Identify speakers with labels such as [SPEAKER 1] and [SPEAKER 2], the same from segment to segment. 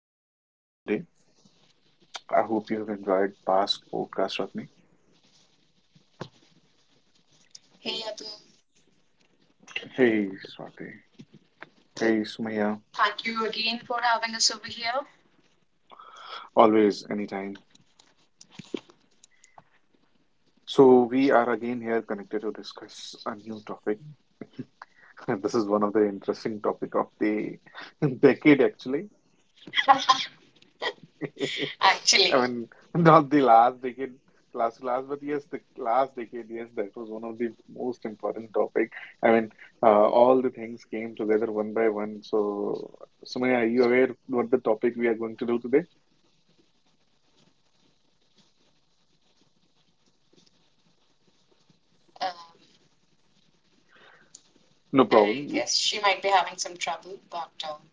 [SPEAKER 1] I'm your host for the day. I hope you have enjoyed past podcasts, with me.
[SPEAKER 2] Hey Atu,
[SPEAKER 1] Hey Swati. Hey Sumaya.
[SPEAKER 2] thank you again for having us over here.
[SPEAKER 1] Always, anytime. So we are again here connected to discuss a new topic. This is one of the interesting topic of the decade actually. I
[SPEAKER 2] Actually,
[SPEAKER 1] mean, not the last decade, last to last, but yes, the last decade, yes, that was one of the most important topic. I mean, all the things came together one by one. So, Sumaya, are you aware what the topic we are going to do today?
[SPEAKER 2] um,
[SPEAKER 1] No
[SPEAKER 2] I
[SPEAKER 1] problem.
[SPEAKER 2] guess she might be having some trouble, but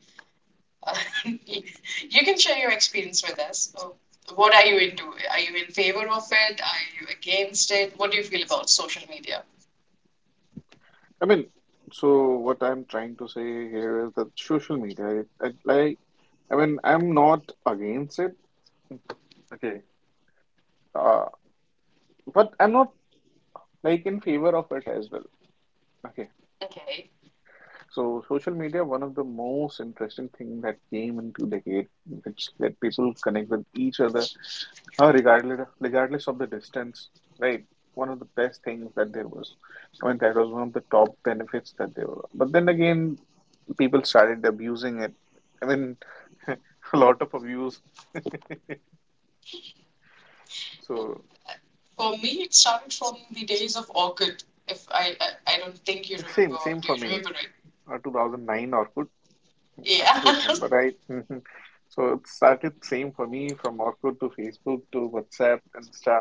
[SPEAKER 2] uh, you you can share your experience with us. Oh, what are you into? Are you in favor of it? Are you against it? What do you feel about social media?
[SPEAKER 1] I mean, so what I'm trying to say here is that social media, I, like, I mean, I'm not against it. Okay, uh, but I'm not like in favor of it as well. Okay.
[SPEAKER 2] Okay.
[SPEAKER 1] So social media, one of the most interesting thing that came into decade, which let people connect with each other, regardless of the distance, right? One of the best things that there was. I mean, that was one of the top benefits that there were. But then again, people started abusing it. I mean, a lot of abuse. So
[SPEAKER 2] For me, it started from the days of Orchid. If I don't think you
[SPEAKER 1] same,
[SPEAKER 2] remember,
[SPEAKER 1] same
[SPEAKER 2] or do
[SPEAKER 1] for
[SPEAKER 2] you
[SPEAKER 1] me.
[SPEAKER 2] remember
[SPEAKER 1] 2009 Orkut, I
[SPEAKER 2] it? Yeah,
[SPEAKER 1] still remember, right? So it started same for me from Orkut to Facebook to WhatsApp, Insta.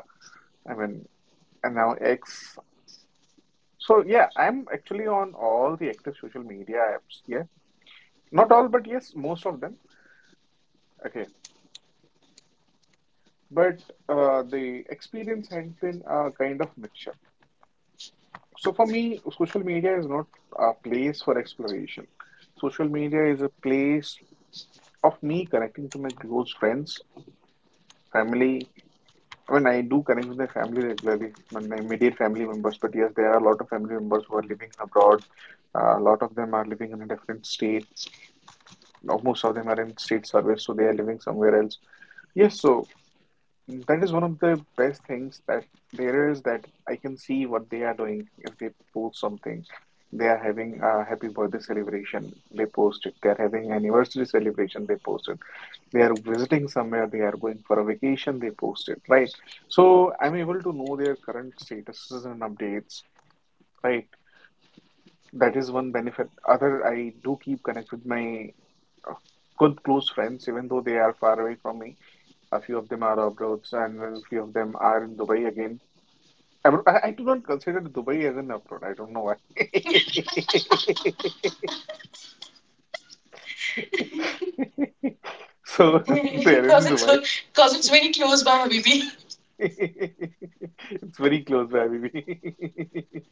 [SPEAKER 1] I mean, and now X. So yeah, I'm actually on all the active social media apps. Yeah, not all, but yes, most of them. Okay, but the experience has been a kind of mixture. So for me, social media is not a place for exploration. Social media is a place of me connecting to my close friends, family. I mean, I do connect with my family regularly, my immediate family members. But yes, there are a lot of family members who are living abroad. A lot of them are living in a different state now. Most of them are in state service, so they are living somewhere else. Yes, so that is one of the best things that there is, that I can see what they are doing. If they post something, they are having a happy birthday celebration, they post it. They are having anniversary celebration, they post it. They are visiting somewhere, they are going for a vacation, they post it, right? So I'm able to know their current statuses and updates, right? That is one benefit. Other, I do keep connect with my uh, good close friends, even though they are far away from me. A few of them are abroad, and then a few of them are in Dubai again. I, would- I do not consider Dubai as an abroad. I don't know why. So they're in
[SPEAKER 2] because it's
[SPEAKER 1] Dubai.
[SPEAKER 2] because it's very close by, Habibi.
[SPEAKER 1] It's very close by me.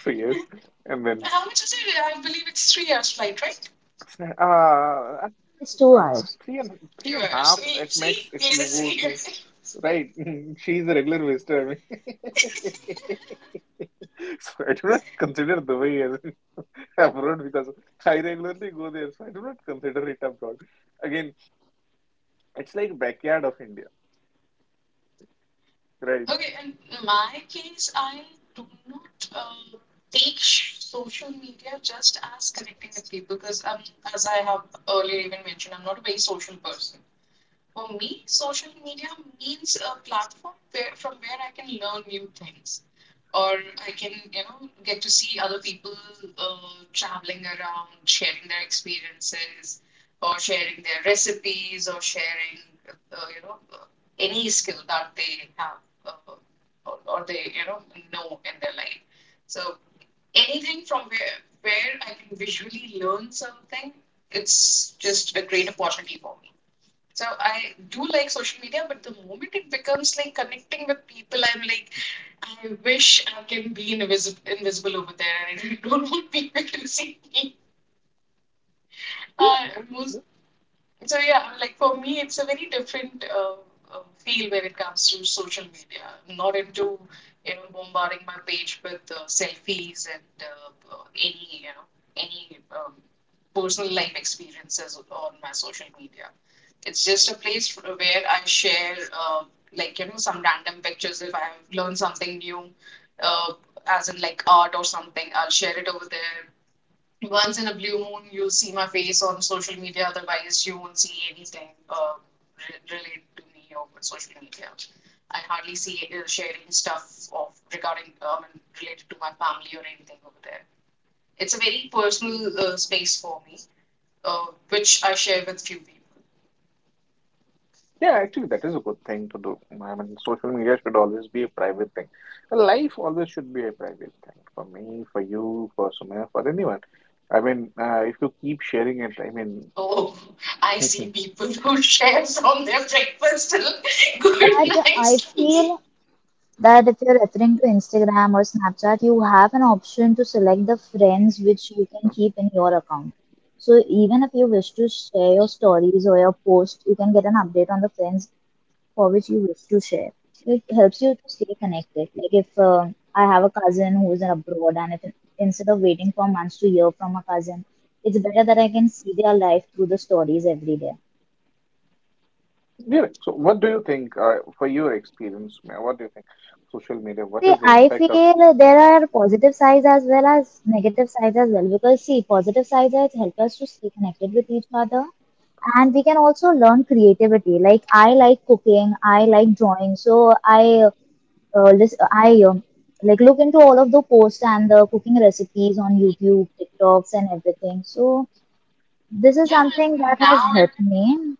[SPEAKER 1] So yes, and then
[SPEAKER 2] How much is it? I believe it's 3 hours flight, right?
[SPEAKER 1] uh,
[SPEAKER 3] It's two
[SPEAKER 1] uh,
[SPEAKER 3] hours.
[SPEAKER 1] three and three and
[SPEAKER 2] Two
[SPEAKER 1] a half
[SPEAKER 2] hours.
[SPEAKER 1] at
[SPEAKER 2] We-
[SPEAKER 1] max
[SPEAKER 2] see,
[SPEAKER 1] if you go
[SPEAKER 2] lazy.
[SPEAKER 1] to. Right. She's a regular visitor. I mean. So I do not consider Dubai as abroad because I regularly go there, so I do not consider it abroad. Again, it's like backyard of India, right?
[SPEAKER 2] Okay, in my case, I do not take social media just as connecting with people because as I have earlier even mentioned, I'm not a very social person. For me, social media means a platform where, from where I can learn new things, or I can, you know, get to see other people traveling around, sharing their experiences, or sharing their recipes, or sharing, you know, any skill that they have or, you know in their life. So anything from where I can visually learn something, it's just a great opportunity for me. So I do like social media, but the moment it becomes like connecting with people, I'm like, I wish I can be invisible over there. I don't want people to see me.
[SPEAKER 1] Yeah,
[SPEAKER 2] Uh,
[SPEAKER 1] obviously.
[SPEAKER 2] most, so yeah, like for me, it's a very different feel when it comes to social media. I'm not into bombarding my page with selfies and any any personal life experiences on my social media. It's just a place where I share, like, you know, some random pictures. If I've learned something new, uh, as in like art or something, I'll share it over there. Once in a blue moon, you'll see my face on social media. Otherwise, you won't see anything related to me over social media. I hardly see sharing stuff of regarding related to my family or anything over there. It's a very personal space for me, which I share with few people.
[SPEAKER 1] Yeah, actually, that is a good thing to do. I mean, social media should always be a private thing. Life always should be a private thing for me, for you, for Sumaya, for anyone. I mean, if you keep sharing it, I
[SPEAKER 2] Oh, I see
[SPEAKER 1] mean,
[SPEAKER 2] people who share from their breakfast till
[SPEAKER 3] But
[SPEAKER 2] good night
[SPEAKER 3] I
[SPEAKER 2] sleep.
[SPEAKER 3] feel that if you're referring to Instagram or Snapchat, you have an option to select the friends which you can keep in your account. So even if you wish to share your stories or your post, you can get an update on the friends for which you wish to share. It helps you to stay connected. Like if I have a cousin who is abroad, and if instead of waiting for months to hear from a cousin, it's better that I can see their life through the stories every day.
[SPEAKER 1] yeah. So, what do you think, for your experience, Mia, what do you think social media, what
[SPEAKER 3] See,
[SPEAKER 1] is the
[SPEAKER 3] I
[SPEAKER 1] impact of
[SPEAKER 3] feel there are positive sides as well as negative sides as well because, see, positive sides that help us to stay connected with each other and we can also learn creativity. Like I like cooking, I like drawing, so I uh, lis- I um, like look into all of the posts and the cooking recipes on YouTube, TikToks, and everything. So this is
[SPEAKER 2] Yeah,
[SPEAKER 3] something that
[SPEAKER 2] and
[SPEAKER 3] has
[SPEAKER 2] now it
[SPEAKER 3] helped me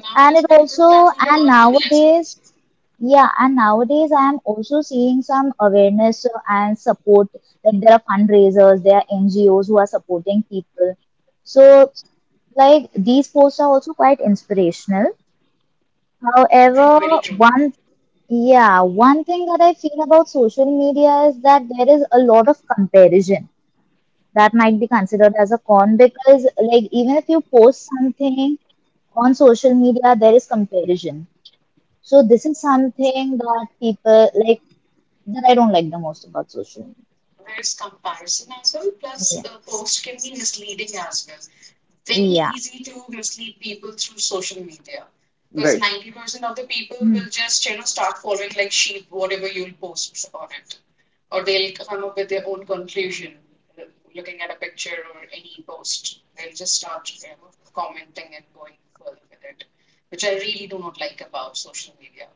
[SPEAKER 2] now it
[SPEAKER 3] and it
[SPEAKER 2] is very good
[SPEAKER 3] also,
[SPEAKER 2] platform to
[SPEAKER 3] and
[SPEAKER 2] earn money as well.
[SPEAKER 3] nowadays, yeah, and nowadays I am also seeing some awareness and support. Like there are fundraisers, there are NGOs who are supporting people. So, like these posts are also quite inspirational.
[SPEAKER 2] True,
[SPEAKER 3] However,
[SPEAKER 2] very true.
[SPEAKER 3] one, yeah, one thing that I feel about social media is that there is a lot of comparison that might be considered as a con because, like, even if you post something on social media, there is comparison, so this is something that people like, that I don't like the most about social
[SPEAKER 2] There's comparison as well. Plus,
[SPEAKER 3] media.
[SPEAKER 2] a post can be misleading as well. Very
[SPEAKER 3] Yeah.
[SPEAKER 2] easy to mislead people through social media because
[SPEAKER 1] right?
[SPEAKER 2] 90% of the people
[SPEAKER 3] Hmm.
[SPEAKER 2] will just start following like sheep whatever you'll post on it, or they'll come up with their own conclusion uh, looking at a picture or any post. They'll just start you know, commenting and going further with it, which I really do not like about social media.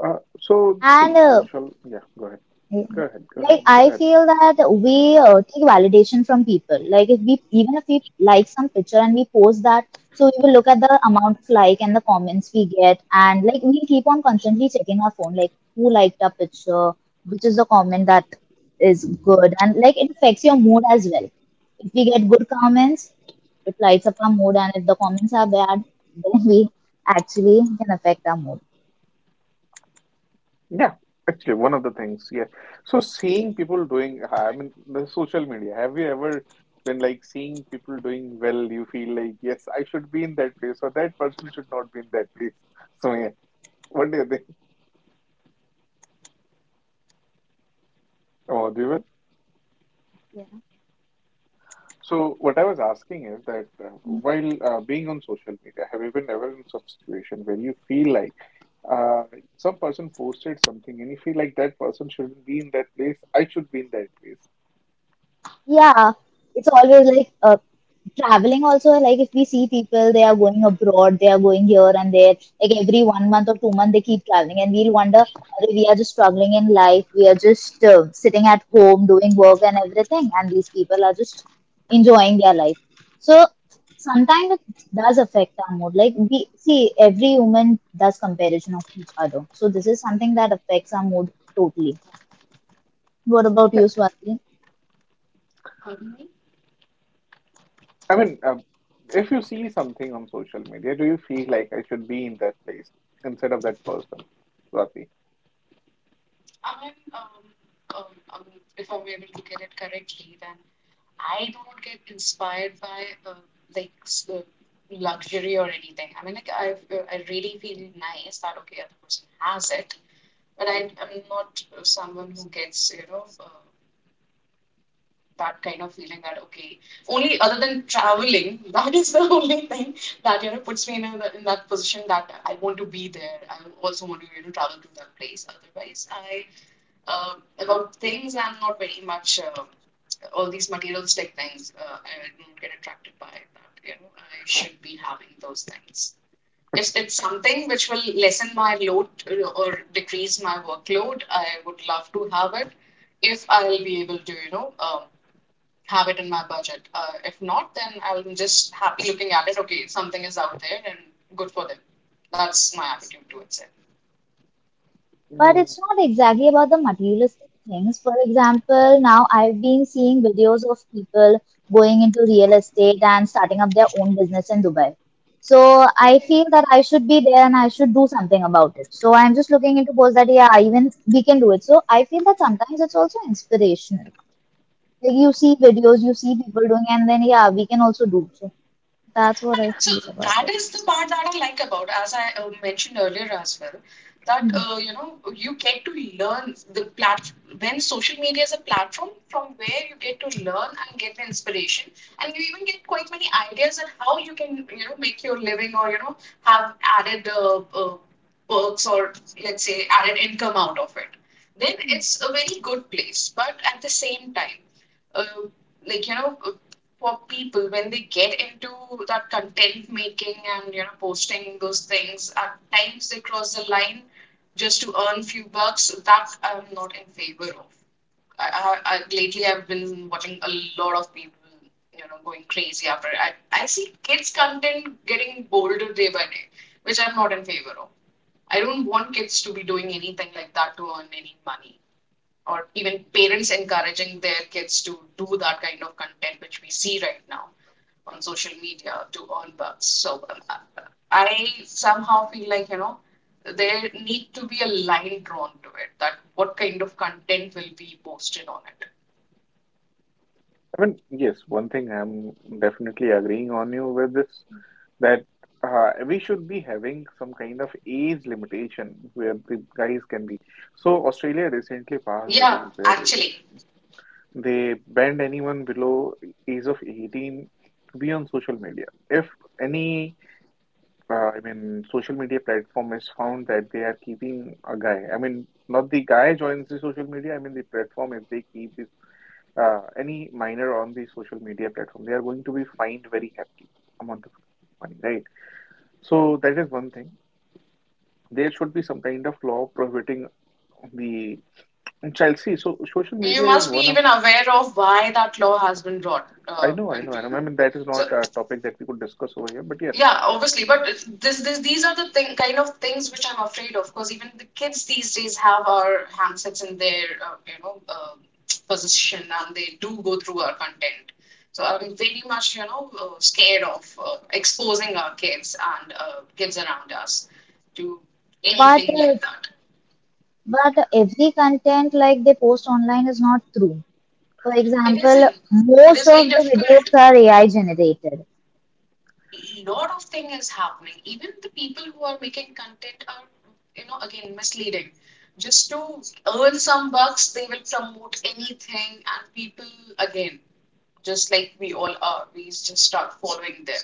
[SPEAKER 1] So,
[SPEAKER 3] And
[SPEAKER 1] see, social, yeah, go ahead,
[SPEAKER 3] yeah,
[SPEAKER 1] go ahead, go
[SPEAKER 3] like
[SPEAKER 1] ahead, go
[SPEAKER 3] I
[SPEAKER 1] ahead.
[SPEAKER 3] feel that we take validation from people. Like if we, even if we like some picture and we post that, so we will look at the amount of like and the comments we get, and like we keep on constantly checking our phone, like who liked our picture, which is the comment that is good, and like it affects your mood as well. If we get good comments, it lights up our mood, and if the comments are bad, then we actually can affect our mood.
[SPEAKER 1] Yeah, actually, one of the things, yeah. So, seeing people doing, I mean, the social media, have you ever been like seeing people doing well, you feel like, yes, I should be in that place, or that person should not be in that place. So, yeah, what do you think? Oh, do you?
[SPEAKER 3] Yeah.
[SPEAKER 1] So what I was asking is that while being on social media, have you been ever in such situation where you feel like uh, some person posted something and you feel like that person shouldn't be in that place, I should be in that place?
[SPEAKER 3] Yeah, it's always like, traveling also, like if we see people, they are going abroad, they are going here and there like every 1 month or 2 month, they keep traveling and we'll wonder, "Arey, we are just struggling in life, we are just sitting at home doing work and everything and these people are just enjoying their life." So sometimes it does affect our mood. Like we see every human does comparison of each other, so this is something that affects our mood totally. What about
[SPEAKER 1] Yeah.
[SPEAKER 3] you, Swati?
[SPEAKER 2] Pardon me?
[SPEAKER 1] I mean, if you see something on social media, do you feel like I should be in that place instead of that person, Swati?
[SPEAKER 2] I'm, um, um, um, if I'm able to get it correctly, then I do not get inspired by uh, like uh, luxury or anything. I mean, like I really feel nice that okay, other person has it, but I'm not someone who gets that kind of feeling that okay only other than traveling that is the only thing that you know puts me in that position that I want to be there. I also want to you know travel to that place. Otherwise, I uh, about things I'm not very much all these materialistic things I don't get attracted by that. You know, I should be having those things if it's something which will lessen my load or decrease my workload, I would love to have it if I'll be able to, you know, have it in my budget. If not, then I'm just happy looking at it. Okay, something is out there and good for them. That's my attitude towards it.
[SPEAKER 3] But it's
[SPEAKER 1] No.
[SPEAKER 3] not exactly about the materialistic things. For example, now I've been seeing videos of people going into real estate and starting up their own business in Dubai. So I
[SPEAKER 2] Okay.
[SPEAKER 3] feel that I should be there and I should do something about it. So I'm just looking into posts that, yeah, even we can do it. So I feel that sometimes it's also inspirational. Like you see videos, you see people doing, and then, yeah, we can also do. So that's what I
[SPEAKER 2] So
[SPEAKER 3] feel about
[SPEAKER 2] that
[SPEAKER 3] it.
[SPEAKER 2] is the part that I like about, as I mentioned earlier as well, that
[SPEAKER 3] Mhm.
[SPEAKER 2] you know you get to learn the plat when social media is a platform from where you get to learn and get the inspiration, and you even get quite many ideas on how you can you know make your living or you know have added perks or let's say added income out of it. Then
[SPEAKER 3] Hmm.
[SPEAKER 2] it's a very good place, but at the same time, uh, like you know for people when they get into that content making and you know posting those things at times they cross the line just to earn few bucks that I'm not in favor of. I lately I've been watching a lot of people you know going crazy after it. I see kids content getting bolder day by day which I'm not in favor of. I don't want kids to be doing anything like that to earn any money or even parents encouraging their kids to do that kind of content which we see right now on social media to earn bucks. So I somehow feel like, you know, there need to be a line drawn to it that what kind of content will be posted on it.
[SPEAKER 1] I mean, yes, one thing I'm definitely agreeing on you with this, that we should be having some kind of age limitation where the guys can be. So Australia recently passed a
[SPEAKER 2] Yeah,
[SPEAKER 1] rule where
[SPEAKER 2] actually,
[SPEAKER 1] they banned anyone below age of 18 to be on social media. If any, I mean, social media platform is found that they are keeping a guy, I mean, not the guy joins the social media, I mean the platform, if they keep this, any minor on the social media platform, they are going to be fined very heavily amount of money, right? So that is one thing. There should be some kind of law prohibiting the child. See, so social
[SPEAKER 2] you
[SPEAKER 1] media is
[SPEAKER 2] must be
[SPEAKER 1] one of.
[SPEAKER 2] even aware of why that law has been brought,
[SPEAKER 1] I know, I know, I know.
[SPEAKER 2] Uncle.
[SPEAKER 1] I mean, that is
[SPEAKER 2] So
[SPEAKER 1] not a topic that we could discuss over here, but yes,
[SPEAKER 2] yeah, obviously, but these are the kind of things which I'm afraid of. Because even the kids these days have our handsets in their, you know, possession, and they do go through our content. So I'm very much, you know, scared of exposing our kids and kids around us to
[SPEAKER 3] But
[SPEAKER 2] anything
[SPEAKER 3] uh,
[SPEAKER 2] like that.
[SPEAKER 3] but every content like they post online is not true. For
[SPEAKER 2] It
[SPEAKER 3] example,
[SPEAKER 2] isn't, but
[SPEAKER 3] most
[SPEAKER 2] it's very
[SPEAKER 3] of the
[SPEAKER 2] difficult.
[SPEAKER 3] videos are AI generated.
[SPEAKER 2] A lot of thing is happening. Even the people who are making content are, you know, again misleading. Just to earn some bucks, they will promote anything, and people again, just like we all are, we just start following them.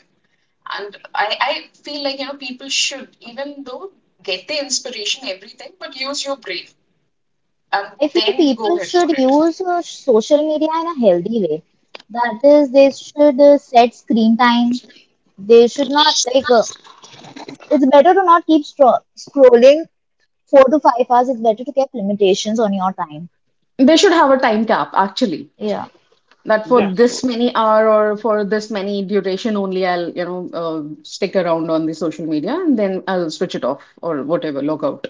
[SPEAKER 2] And I feel like you know people should, even though get the inspiration, everything, but use your brain and
[SPEAKER 3] I feel
[SPEAKER 2] then go
[SPEAKER 3] people
[SPEAKER 2] ahead for
[SPEAKER 3] should
[SPEAKER 2] it.
[SPEAKER 3] use social media in a healthy way. That is, they should set screen time. They should not, like, it's better to not keep stro scrolling 4 to 5 hours. It's better to keep limitations on your time.
[SPEAKER 2] They should have a time cap, actually,
[SPEAKER 3] Yeah.
[SPEAKER 2] that for
[SPEAKER 1] yeah.
[SPEAKER 2] this
[SPEAKER 1] So
[SPEAKER 2] many hour or for this many duration only I'll, you know, stick around on the social media and then I'll switch it off or whatever, log out.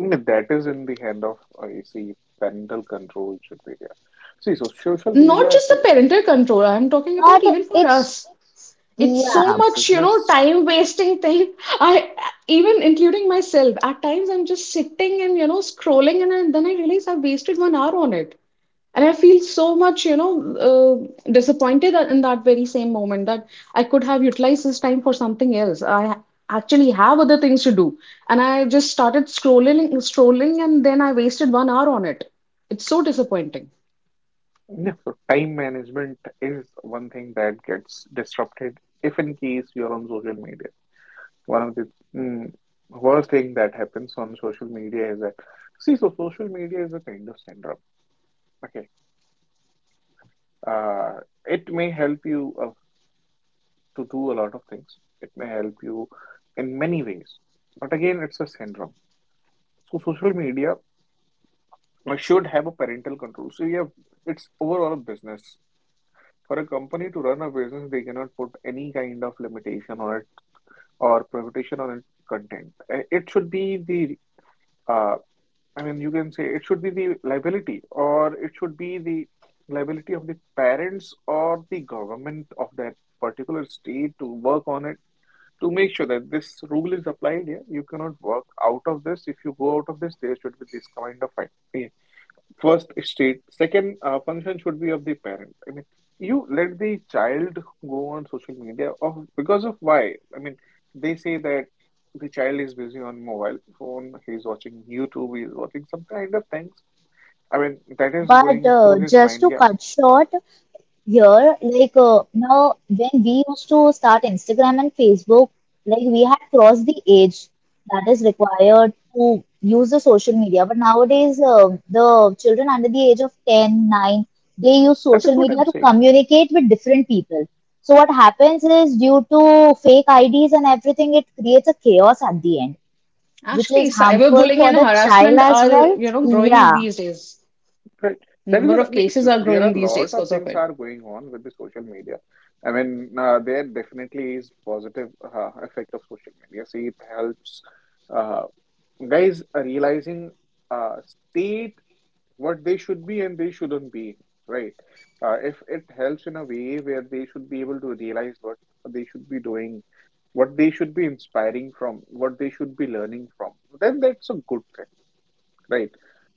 [SPEAKER 1] I mean, that is in the hand of you see parental control should be there. See, so social
[SPEAKER 2] Not
[SPEAKER 1] media,
[SPEAKER 2] just
[SPEAKER 1] see,
[SPEAKER 2] the parental control, I'm talking about
[SPEAKER 3] But
[SPEAKER 2] even for
[SPEAKER 3] it's,
[SPEAKER 2] us. It's
[SPEAKER 1] it's
[SPEAKER 2] so
[SPEAKER 3] yeah,
[SPEAKER 1] a
[SPEAKER 2] much, you know,
[SPEAKER 1] business.
[SPEAKER 2] time wasting thing. I even including myself, at times I'm just sitting and, you know, scrolling and then I realize I've wasted 1 hour on it. And I feel so much, you know, disappointed in that very same moment that I could have utilized this time for something else. I actually have other things to do. And I just started scrolling, and then I wasted 1 hour on it. It's so disappointing.
[SPEAKER 1] Yeah, so time management is one thing that gets disrupted if in case you're on social media. One of the mm, worst thing that happens on social media is that see, so social media is a kind of syndrome. Okay, uh, it may help you to do a lot of things. It may help you in many ways, but again, it's a syndrome. So social media should have a parental control. So you have it's overall a business. For a company to run a business, they cannot put any kind of limitation on it or prohibition on it content. It should be the uh, I mean, you can say it should be the liability, or it should be the liability of the parents or the government of that particular state to work on it to make sure that this rule is applied. Yeah, you cannot work out of this. If you go out of this, there should be this kind of fine. Yeah. First state, second function should be of the parent. I mean, you let the child go on social media of because of why? I mean, they say that the child is busy on mobile phone, he's watching YouTube, he's watching some kind of things. I mean, that is
[SPEAKER 3] but
[SPEAKER 1] going through his
[SPEAKER 3] Just
[SPEAKER 1] mind.
[SPEAKER 3] to
[SPEAKER 1] Yeah,
[SPEAKER 3] cut short, here, like now, when we used to start Instagram and Facebook, like we had crossed the age that is required to use the social media. But nowadays, the children under the age of 10, 9, they use
[SPEAKER 1] that is
[SPEAKER 3] social
[SPEAKER 1] what
[SPEAKER 3] media
[SPEAKER 1] I'm
[SPEAKER 3] to
[SPEAKER 1] saying,
[SPEAKER 3] communicate with different people. So what happens is, due to fake IDs and everything, it creates a chaos at the end, which
[SPEAKER 2] Actually,
[SPEAKER 3] is harmful
[SPEAKER 2] cyberbullying
[SPEAKER 3] for
[SPEAKER 2] and
[SPEAKER 3] the child
[SPEAKER 2] harassment
[SPEAKER 3] as
[SPEAKER 2] are,
[SPEAKER 3] well.
[SPEAKER 2] you know, growing
[SPEAKER 3] Yeah.
[SPEAKER 2] these days.
[SPEAKER 1] right? That is
[SPEAKER 2] Number
[SPEAKER 1] what I
[SPEAKER 2] of
[SPEAKER 1] mean.
[SPEAKER 2] cases
[SPEAKER 1] So
[SPEAKER 2] are
[SPEAKER 1] there
[SPEAKER 2] growing
[SPEAKER 1] are a
[SPEAKER 2] these days
[SPEAKER 1] lot of
[SPEAKER 2] because of
[SPEAKER 1] things
[SPEAKER 2] it.
[SPEAKER 1] are going on with the social media. I mean, there definitely is positive effect of social media. See, it helps. Uh, Guys are realizing state what they should be and they shouldn't be in, right? If it helps in a way where they should be able to realize what they should be doing, what they should be inspiring from, what they should be learning from, then that's a good thing, right?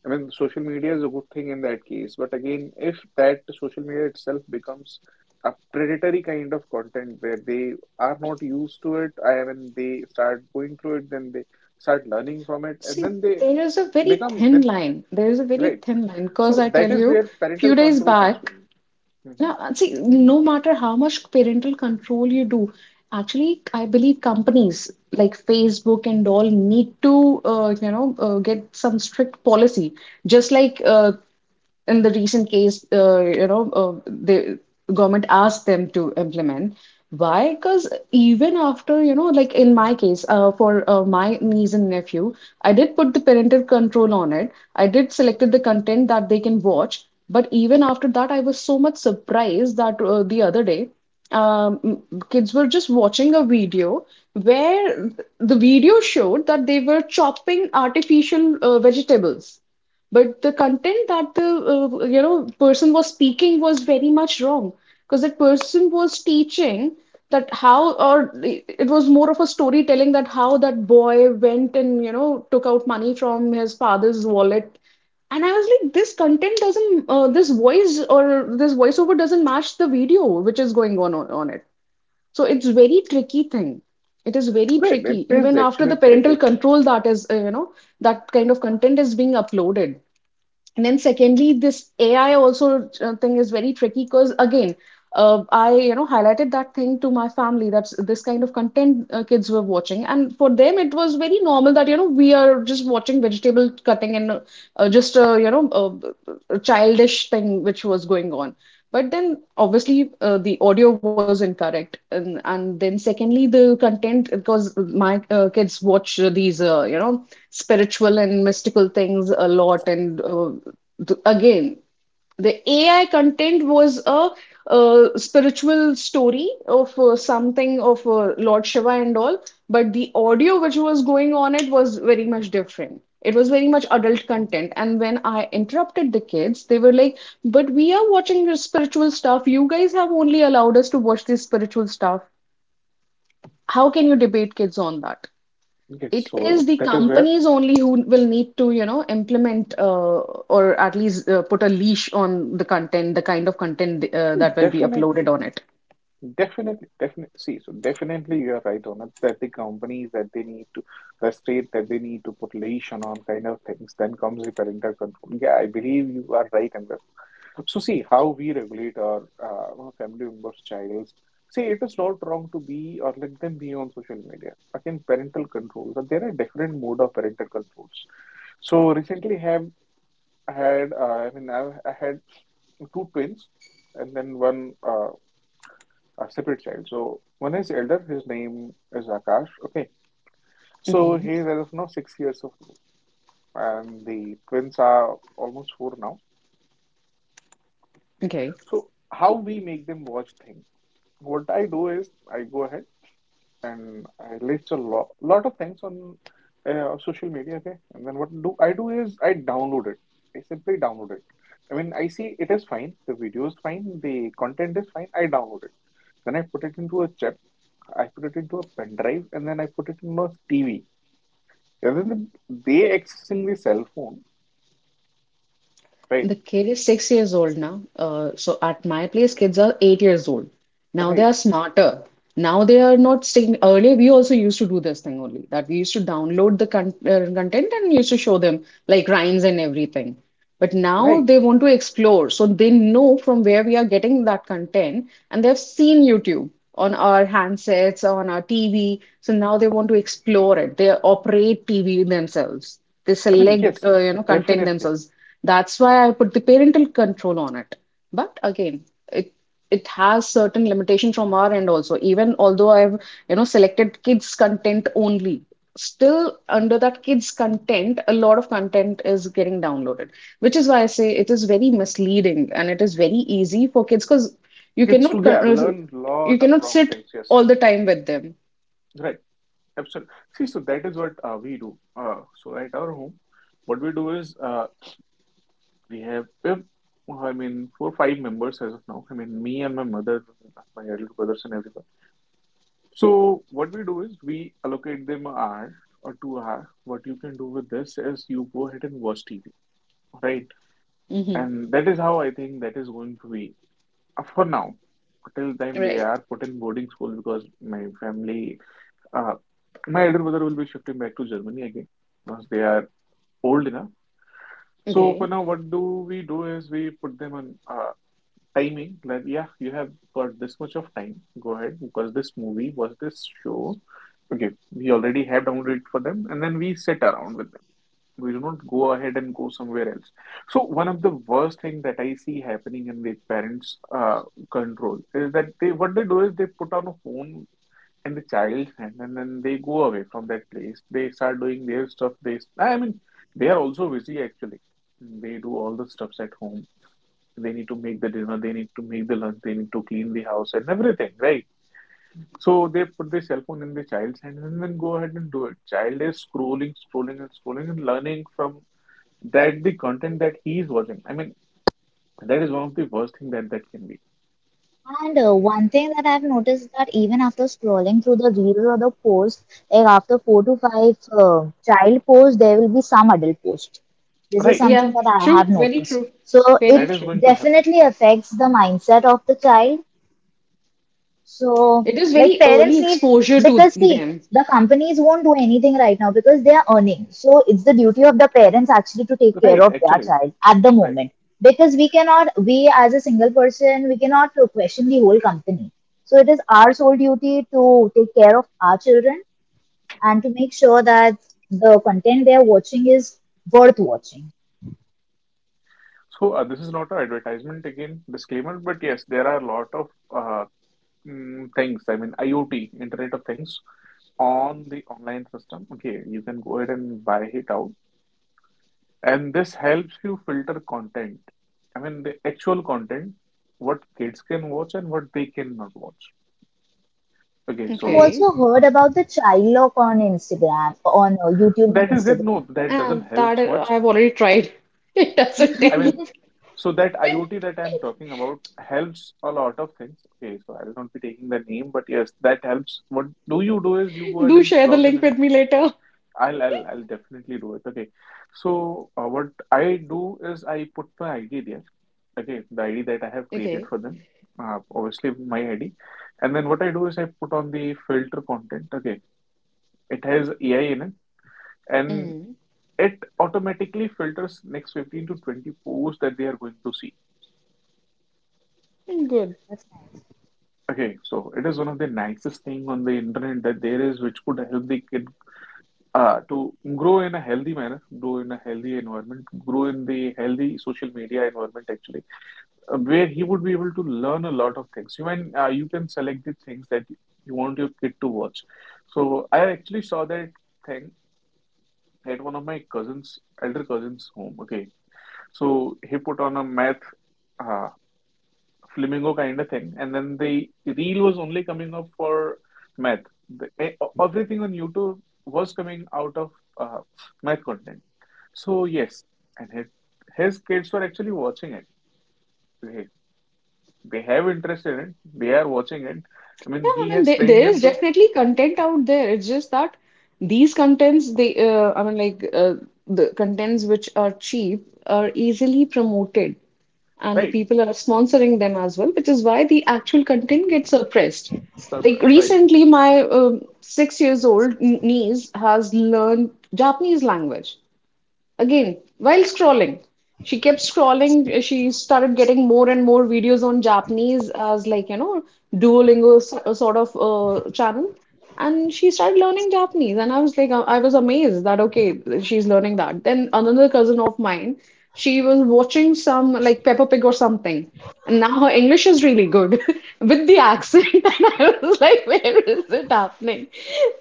[SPEAKER 1] I mean, social media is a good thing in that case. But again, if that social media itself becomes a predatory kind of content where they are not used to it, I mean, they start going through it, then they start learning from it, and
[SPEAKER 2] See,
[SPEAKER 1] then they
[SPEAKER 2] there is a very
[SPEAKER 1] become
[SPEAKER 2] thin
[SPEAKER 1] the
[SPEAKER 2] line.
[SPEAKER 1] right,
[SPEAKER 2] Because
[SPEAKER 1] so
[SPEAKER 2] I
[SPEAKER 1] that
[SPEAKER 2] tell
[SPEAKER 1] is
[SPEAKER 2] you,
[SPEAKER 1] where
[SPEAKER 2] few
[SPEAKER 1] parental
[SPEAKER 2] days
[SPEAKER 1] control comes from.
[SPEAKER 2] back,
[SPEAKER 1] Mhm.
[SPEAKER 2] yeah, and see, no matter how much parental control you do, actually, I believe companies like Facebook and all need to, you know, get some strict policy. Just like in the recent case, you know, the government asked them to implement. Why? Because even after, you know, like in my case, for my niece and nephew, I did put the parental control on it. I did selected the content that they can watch. But even after that, I was so much surprised that the other day, um, kids were just watching a video where the video showed that they were chopping artificial vegetables. But the content that the you know person was speaking was very much wrong because that person was teaching that how or it was more of a storytelling that how that boy went and you know took out money from his father's wallet. And I was like, this content doesn't, this voice or this voiceover doesn't match the video which is going on on it. So it's very tricky thing. It is very
[SPEAKER 1] Right, it
[SPEAKER 2] tricky.
[SPEAKER 1] is
[SPEAKER 2] Even after
[SPEAKER 1] actually a
[SPEAKER 2] the parental
[SPEAKER 1] tricky thing.
[SPEAKER 2] control that is, you know, that kind of content is being uploaded. And then secondly, this AI also thing is very tricky because again, I you know highlighted that thing to my family that's this kind of content kids were watching, and for them it was very normal that you know we are just watching vegetable cutting and just you know a childish thing which was going on. But then obviously the audio was incorrect, and then secondly the content, because my kids watch these spiritual and mystical things a lot, and again, the AI content was a spiritual story of something of Lord Shiva and all, but the audio which was going on it was very much different. It was very much adult content. And when I interrupted the kids, they were like, "But we are watching your spiritual stuff. You guys have only allowed us to watch this spiritual stuff." How can you debate kids on that?
[SPEAKER 1] Yes,
[SPEAKER 2] It is
[SPEAKER 1] so
[SPEAKER 2] the
[SPEAKER 1] that is where
[SPEAKER 2] companies only who will need to, you know, implement or at least put a leash on the content, the kind of content that will be uploaded
[SPEAKER 1] definitely
[SPEAKER 2] on it.
[SPEAKER 1] definitely, see, so definitely you are right on it, that the companies that they need to, the state that they need to put leash on kind of things, then comes the parental control. Yeah, I believe you are right in this. So see how we regulate our family members' childs. See, it is not wrong to be or let them be on social media. Again, parental controls, and there are different mode of parental controls. So recently, have had I mean I had two twins, and then one a separate child. So one is elder. His name is Akash. Okay, so
[SPEAKER 2] Okay.
[SPEAKER 1] he is as of now 6 years of old, and the twins are almost four now.
[SPEAKER 2] Okay.
[SPEAKER 1] So how we make them watch things. What I do is I go ahead and I list a lot of things on social media, okay? And then what do I do is I download it. I simply download it. I mean, I see it is fine, the video is fine, the content is fine, I download it. Then I put it into a chip, I put it into a pen drive, and then I put it in a TV. Rather than they accessing the cell phone, right?
[SPEAKER 2] The kid is 6 years old now. So at my place, kids are 8 years old. Now they are
[SPEAKER 1] Right,
[SPEAKER 2] smarter. Now they are not sticking. Earlier, we also used to do this thing only, that we used to download the content and used to show them, like, rhymes and everything. But now
[SPEAKER 1] right.
[SPEAKER 2] they want to explore. So they know from where we are getting that content, and they've seen YouTube on our handsets, on our TV. So now they want to explore it. They operate TV themselves. They
[SPEAKER 1] I mean,
[SPEAKER 2] select,
[SPEAKER 1] yes,
[SPEAKER 2] content
[SPEAKER 1] definitely.
[SPEAKER 2] themselves. That's why I put the parental control on it. But again, it it has certain limitation from our end also. Even although I've, you know, selected kids content only, still under that kids content, a lot of content is getting downloaded, which is why I say it is very misleading and it is very easy for kids, because you
[SPEAKER 1] Kids
[SPEAKER 2] cannot
[SPEAKER 1] to yeah,
[SPEAKER 2] con
[SPEAKER 1] learn
[SPEAKER 2] you
[SPEAKER 1] lot of
[SPEAKER 2] cannot
[SPEAKER 1] wrong
[SPEAKER 2] sit
[SPEAKER 1] things, yes.
[SPEAKER 2] all the time with them.
[SPEAKER 1] Right. Absolutely. See, so that is what we do. So at our home, what we do is we have, four five members as of now. I mean, me and my mother, my elder brothers, and everyone. So what we do is we allocate them an hour or two hour. What you can do with this is you go ahead and watch TV, right?
[SPEAKER 2] hmm
[SPEAKER 1] And that is how I think that is going to be for now. Till time they
[SPEAKER 2] Right.
[SPEAKER 1] are put in boarding school because my family, uh, my elder brother will be shifting back to Germany again. Once they are old enough. So for
[SPEAKER 2] Okay.
[SPEAKER 1] now, what do we do is we put them on timing. Like, yeah, you have got this much of time. Go ahead, watch this movie, Was this show. Okay, we already have downloaded for them, and then we sit around with them. We do not go ahead and go somewhere else. So one of the worst thing that I see happening in the parents' control is that they what they do is they put on a phone and the child and then they go away from that place. They start doing their stuff. They they are also busy actually. They do all the stuffs at home. They need to make the dinner, they need to make the lunch, they need to clean the house and everything, right? So they put their cell phone in the child's hand and then go ahead and do it. Child is scrolling, scrolling and scrolling and learning from that the content that he is watching. I mean, that is one of the worst thing that can be,
[SPEAKER 3] And one thing that I've noticed, that even after scrolling through the reels or the posts, like after 4 to 5 child posts, there will be some adult post. This is
[SPEAKER 1] right?
[SPEAKER 3] something
[SPEAKER 2] Yeah,
[SPEAKER 3] that I have
[SPEAKER 2] true, very
[SPEAKER 3] noticed.
[SPEAKER 2] true.
[SPEAKER 3] So
[SPEAKER 2] Very
[SPEAKER 3] it
[SPEAKER 1] That is
[SPEAKER 2] true.
[SPEAKER 1] going to happen,
[SPEAKER 3] definitely affects the mindset of the child. So,
[SPEAKER 2] It is
[SPEAKER 3] like
[SPEAKER 2] very early
[SPEAKER 3] parents need,
[SPEAKER 2] exposure to
[SPEAKER 3] because see,
[SPEAKER 2] them.
[SPEAKER 3] the companies won't do anything right now because they are earning. So it's the duty of the parents actually to take care
[SPEAKER 1] right?
[SPEAKER 3] of their
[SPEAKER 1] Actually,
[SPEAKER 3] child at the
[SPEAKER 1] right.
[SPEAKER 3] moment because we cannot, we as a single person, we cannot question the whole company. So it is our sole duty to take care of our children and to make sure that the content they are watching is worth watching.
[SPEAKER 1] So this is not an advertisement, again, disclaimer, but yes, there are a lot of uh, things. I mean, IoT, Internet of Things, on the online system. Okay, you can go ahead and buy it out, and this helps you filter content. I mean, the actual content, what kids can watch and what they cannot watch. Okay,
[SPEAKER 3] I've
[SPEAKER 1] so
[SPEAKER 2] Okay.
[SPEAKER 3] also heard about the child lock on Instagram, on YouTube and
[SPEAKER 1] that is it. No,
[SPEAKER 3] Instagram.
[SPEAKER 1] that doesn't
[SPEAKER 2] And
[SPEAKER 1] help
[SPEAKER 2] that
[SPEAKER 1] much.
[SPEAKER 2] I've already tried. It doesn't
[SPEAKER 1] I
[SPEAKER 2] tell.
[SPEAKER 1] mean. So that IoT that I'm talking about helps a lot of things. Okay, so I'll not be taking the name, but yes, that helps. What do you do is you go ahead
[SPEAKER 2] Do
[SPEAKER 1] and
[SPEAKER 2] share the
[SPEAKER 1] log in
[SPEAKER 2] link
[SPEAKER 1] and
[SPEAKER 2] with me later.
[SPEAKER 1] I'll definitely do it. Okay. So what I do is I put my ID there. Okay, the ID that I have created
[SPEAKER 2] Okay.
[SPEAKER 1] for them. Obviously my ID. And then what I do is I put on the filter content. Okay. It has AI in it and
[SPEAKER 2] Hmm.
[SPEAKER 1] it automatically filters next 15 to 20 posts that they are going to see.
[SPEAKER 2] Good.
[SPEAKER 1] Okay, so it is one of the nicest thing on the internet that there is, which could help the kid to grow in a healthy manner, grow in a healthy environment, grow in the healthy social media environment actually, where he would be able to learn a lot of things. You can select the things that you want your kid to watch. So I actually saw that thing at one of my cousins, elder cousins' home. Okay, so he put on a math uh, flamingo kind of thing. And then the reel was only coming up for math. The, everything on YouTube was coming out of uh, math content. So yes, and his kids were actually watching it. They, they have interest in it. They are watching it. I mean,
[SPEAKER 2] Yeah, I
[SPEAKER 1] he
[SPEAKER 2] mean,
[SPEAKER 1] has
[SPEAKER 2] there,
[SPEAKER 1] trained
[SPEAKER 2] there
[SPEAKER 1] them
[SPEAKER 2] is
[SPEAKER 1] to,
[SPEAKER 2] definitely content out there. It's just that these contents, they, I mean, like the contents which are cheap are easily promoted, and
[SPEAKER 1] right,
[SPEAKER 2] people are sponsoring them as well, which is why the actual content gets suppressed. Like
[SPEAKER 1] suppress, right,
[SPEAKER 2] recently, my 6 years old niece has learned Japanese language. Again, while scrolling, she kept scrolling, she started getting more and more videos on Japanese, as like, you know, Duolingo sort of channel, and she started learning Japanese, and I was like, I was amazed that, okay, she's learning that. Then another cousin of mine, she was watching some, like, Peppa Pig or something, and now her English is really good with the accent and I was like, where is it happening?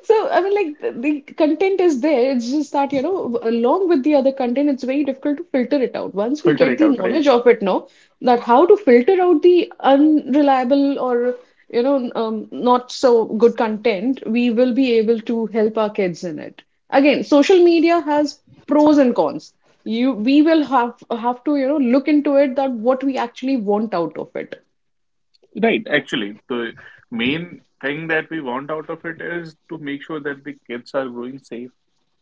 [SPEAKER 2] So, I mean, like, the content is there. It's just that, you know, along with the other content, it's very difficult to filter it out. Once we
[SPEAKER 1] filter
[SPEAKER 2] get
[SPEAKER 1] it
[SPEAKER 2] the
[SPEAKER 1] out, right,
[SPEAKER 2] knowledge of it, no, that how to filter out the unreliable or, you know, not so good content, we will be able to help our kids in it. Again, social media has pros and cons. We will have to, you know, look into it, that what we actually want out of it.
[SPEAKER 1] right. Actually, the main thing that we want out of it is to make sure that the kids are growing safe,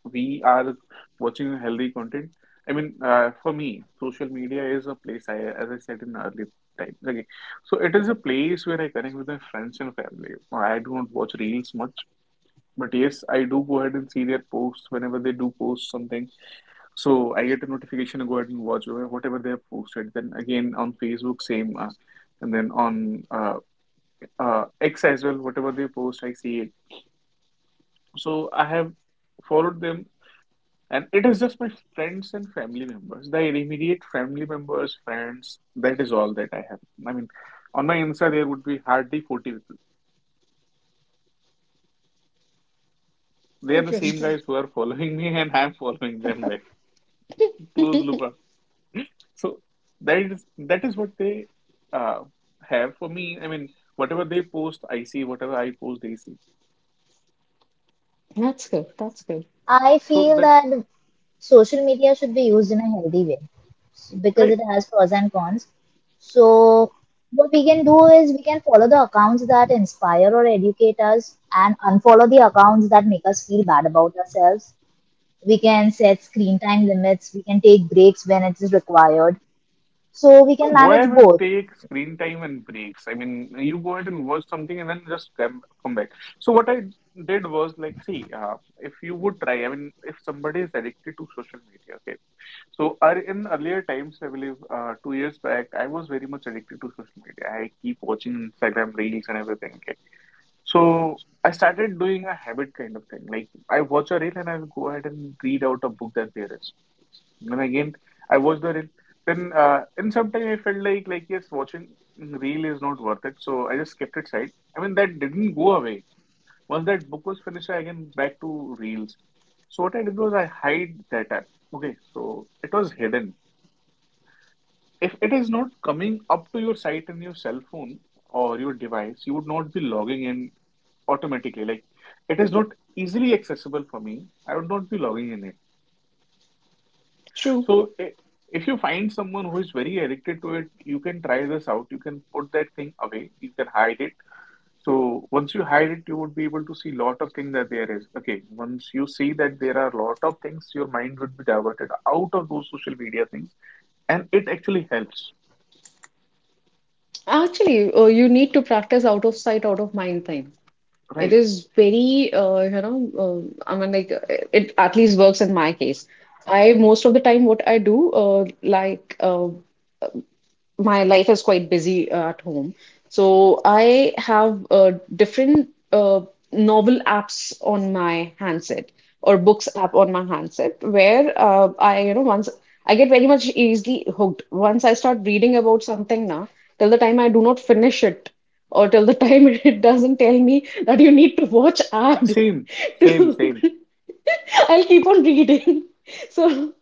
[SPEAKER 1] we are watching healthy content. I mean, for me, social media is a place I, as I said in earlier times. Okay, so it is a place where I connect with my friends and family. I do not watch reels much, but yes, I do go ahead and see their posts whenever they do post something. So I get a notification to go ahead and watch whatever they have posted. Then again on Facebook, same, and then on X as well, whatever they post, I see it. So I have followed them. And it is just my friends and family members, the immediate family members, friends. That is all that I have. I mean, on my Insta, there would be hardly 40 people. They are the same
[SPEAKER 2] Interesting.
[SPEAKER 1] guys who are following me, and I'm following them back. Close loop. Up. So that is what they uh, have for me. I mean, whatever they post, I see. Whatever I post, they see.
[SPEAKER 2] That's good. That's good.
[SPEAKER 3] I
[SPEAKER 1] So
[SPEAKER 3] feel
[SPEAKER 1] that
[SPEAKER 3] that social media should be used in a healthy way, because it
[SPEAKER 1] right.
[SPEAKER 3] has pros and cons. So, what we can do is we can follow the accounts that inspire or educate us and unfollow the accounts that make us feel bad about ourselves. We can set screen time limits, we can take breaks when it is required. So, we can
[SPEAKER 1] Why
[SPEAKER 3] manage
[SPEAKER 1] ever
[SPEAKER 3] both.
[SPEAKER 1] take screen time and breaks? I mean, you go ahead and watch something and then just come back. So what I did was like, see, if you would try, I mean, if somebody is addicted to social media, okay. So in earlier times, I believe 2 years back, I was very much addicted to social media. I keep watching Instagram reels and everything, okay. So I started doing a habit kind of thing. Like I watch a reel and I'll go ahead and read out a book that there is. Then again, I watched the reel. Then in some time I felt like yes, watching reel is not worth it. So I just kept it side. I mean that didn't go away. Once that book was finished, I again back to reels. So what I did was I hide that app. Okay, so it was hidden. If it is not coming up to your site in your cell phone or your device, you would not be logging in automatically. Like it is not easily accessible for me. I would not be logging in it.
[SPEAKER 2] True.
[SPEAKER 1] So if you find someone who is very addicted to it, you can try this out. You can put that thing away. You can hide it. So once you hide it, you would be able to see lot of things that there is. Okay, once you see that there are lot of things, your mind would be diverted out of those social media things, and it actually helps.
[SPEAKER 2] Actually, you need to practice out of sight, out of mind thing. It
[SPEAKER 1] Right?
[SPEAKER 2] is very, it at least works in my case. I most of the time, what I do, my life is quite busy at home. So I have different novel apps on my handset or books app on my handset, where I, you know, once I get very much easily hooked. Once I start reading about something, now, till the time I do not finish it, or till the time it doesn't tell me that you need to watch ad,
[SPEAKER 1] Same, same,
[SPEAKER 2] to-
[SPEAKER 1] same.
[SPEAKER 2] I'll keep on reading. So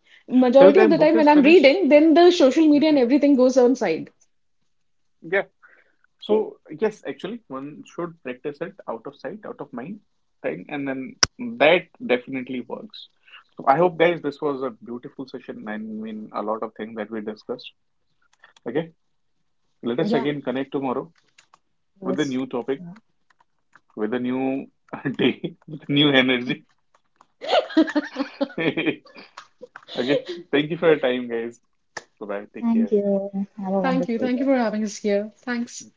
[SPEAKER 1] Till
[SPEAKER 2] majority of
[SPEAKER 1] then,
[SPEAKER 2] the
[SPEAKER 1] book
[SPEAKER 2] time when
[SPEAKER 1] is
[SPEAKER 2] I'm
[SPEAKER 1] finished.
[SPEAKER 2] reading, then the social media and everything goes on side.
[SPEAKER 1] So yes, actually, one should practice it out of sight, out of mind thing, and then that definitely works. So I hope, guys, this was a beautiful session. I mean, a lot of things that we discussed. Okay, let us
[SPEAKER 2] Yeah.
[SPEAKER 1] again connect tomorrow with a
[SPEAKER 3] Yes.
[SPEAKER 1] new topic,
[SPEAKER 3] Sure.
[SPEAKER 1] with a new day, with new energy. Okay, thank you for your time, guys. Bye bye. Take
[SPEAKER 3] Thank
[SPEAKER 1] care.
[SPEAKER 3] you. Have a
[SPEAKER 2] Thank you.
[SPEAKER 3] wonderful
[SPEAKER 2] Thank
[SPEAKER 3] day.
[SPEAKER 2] you for having us here. Thanks.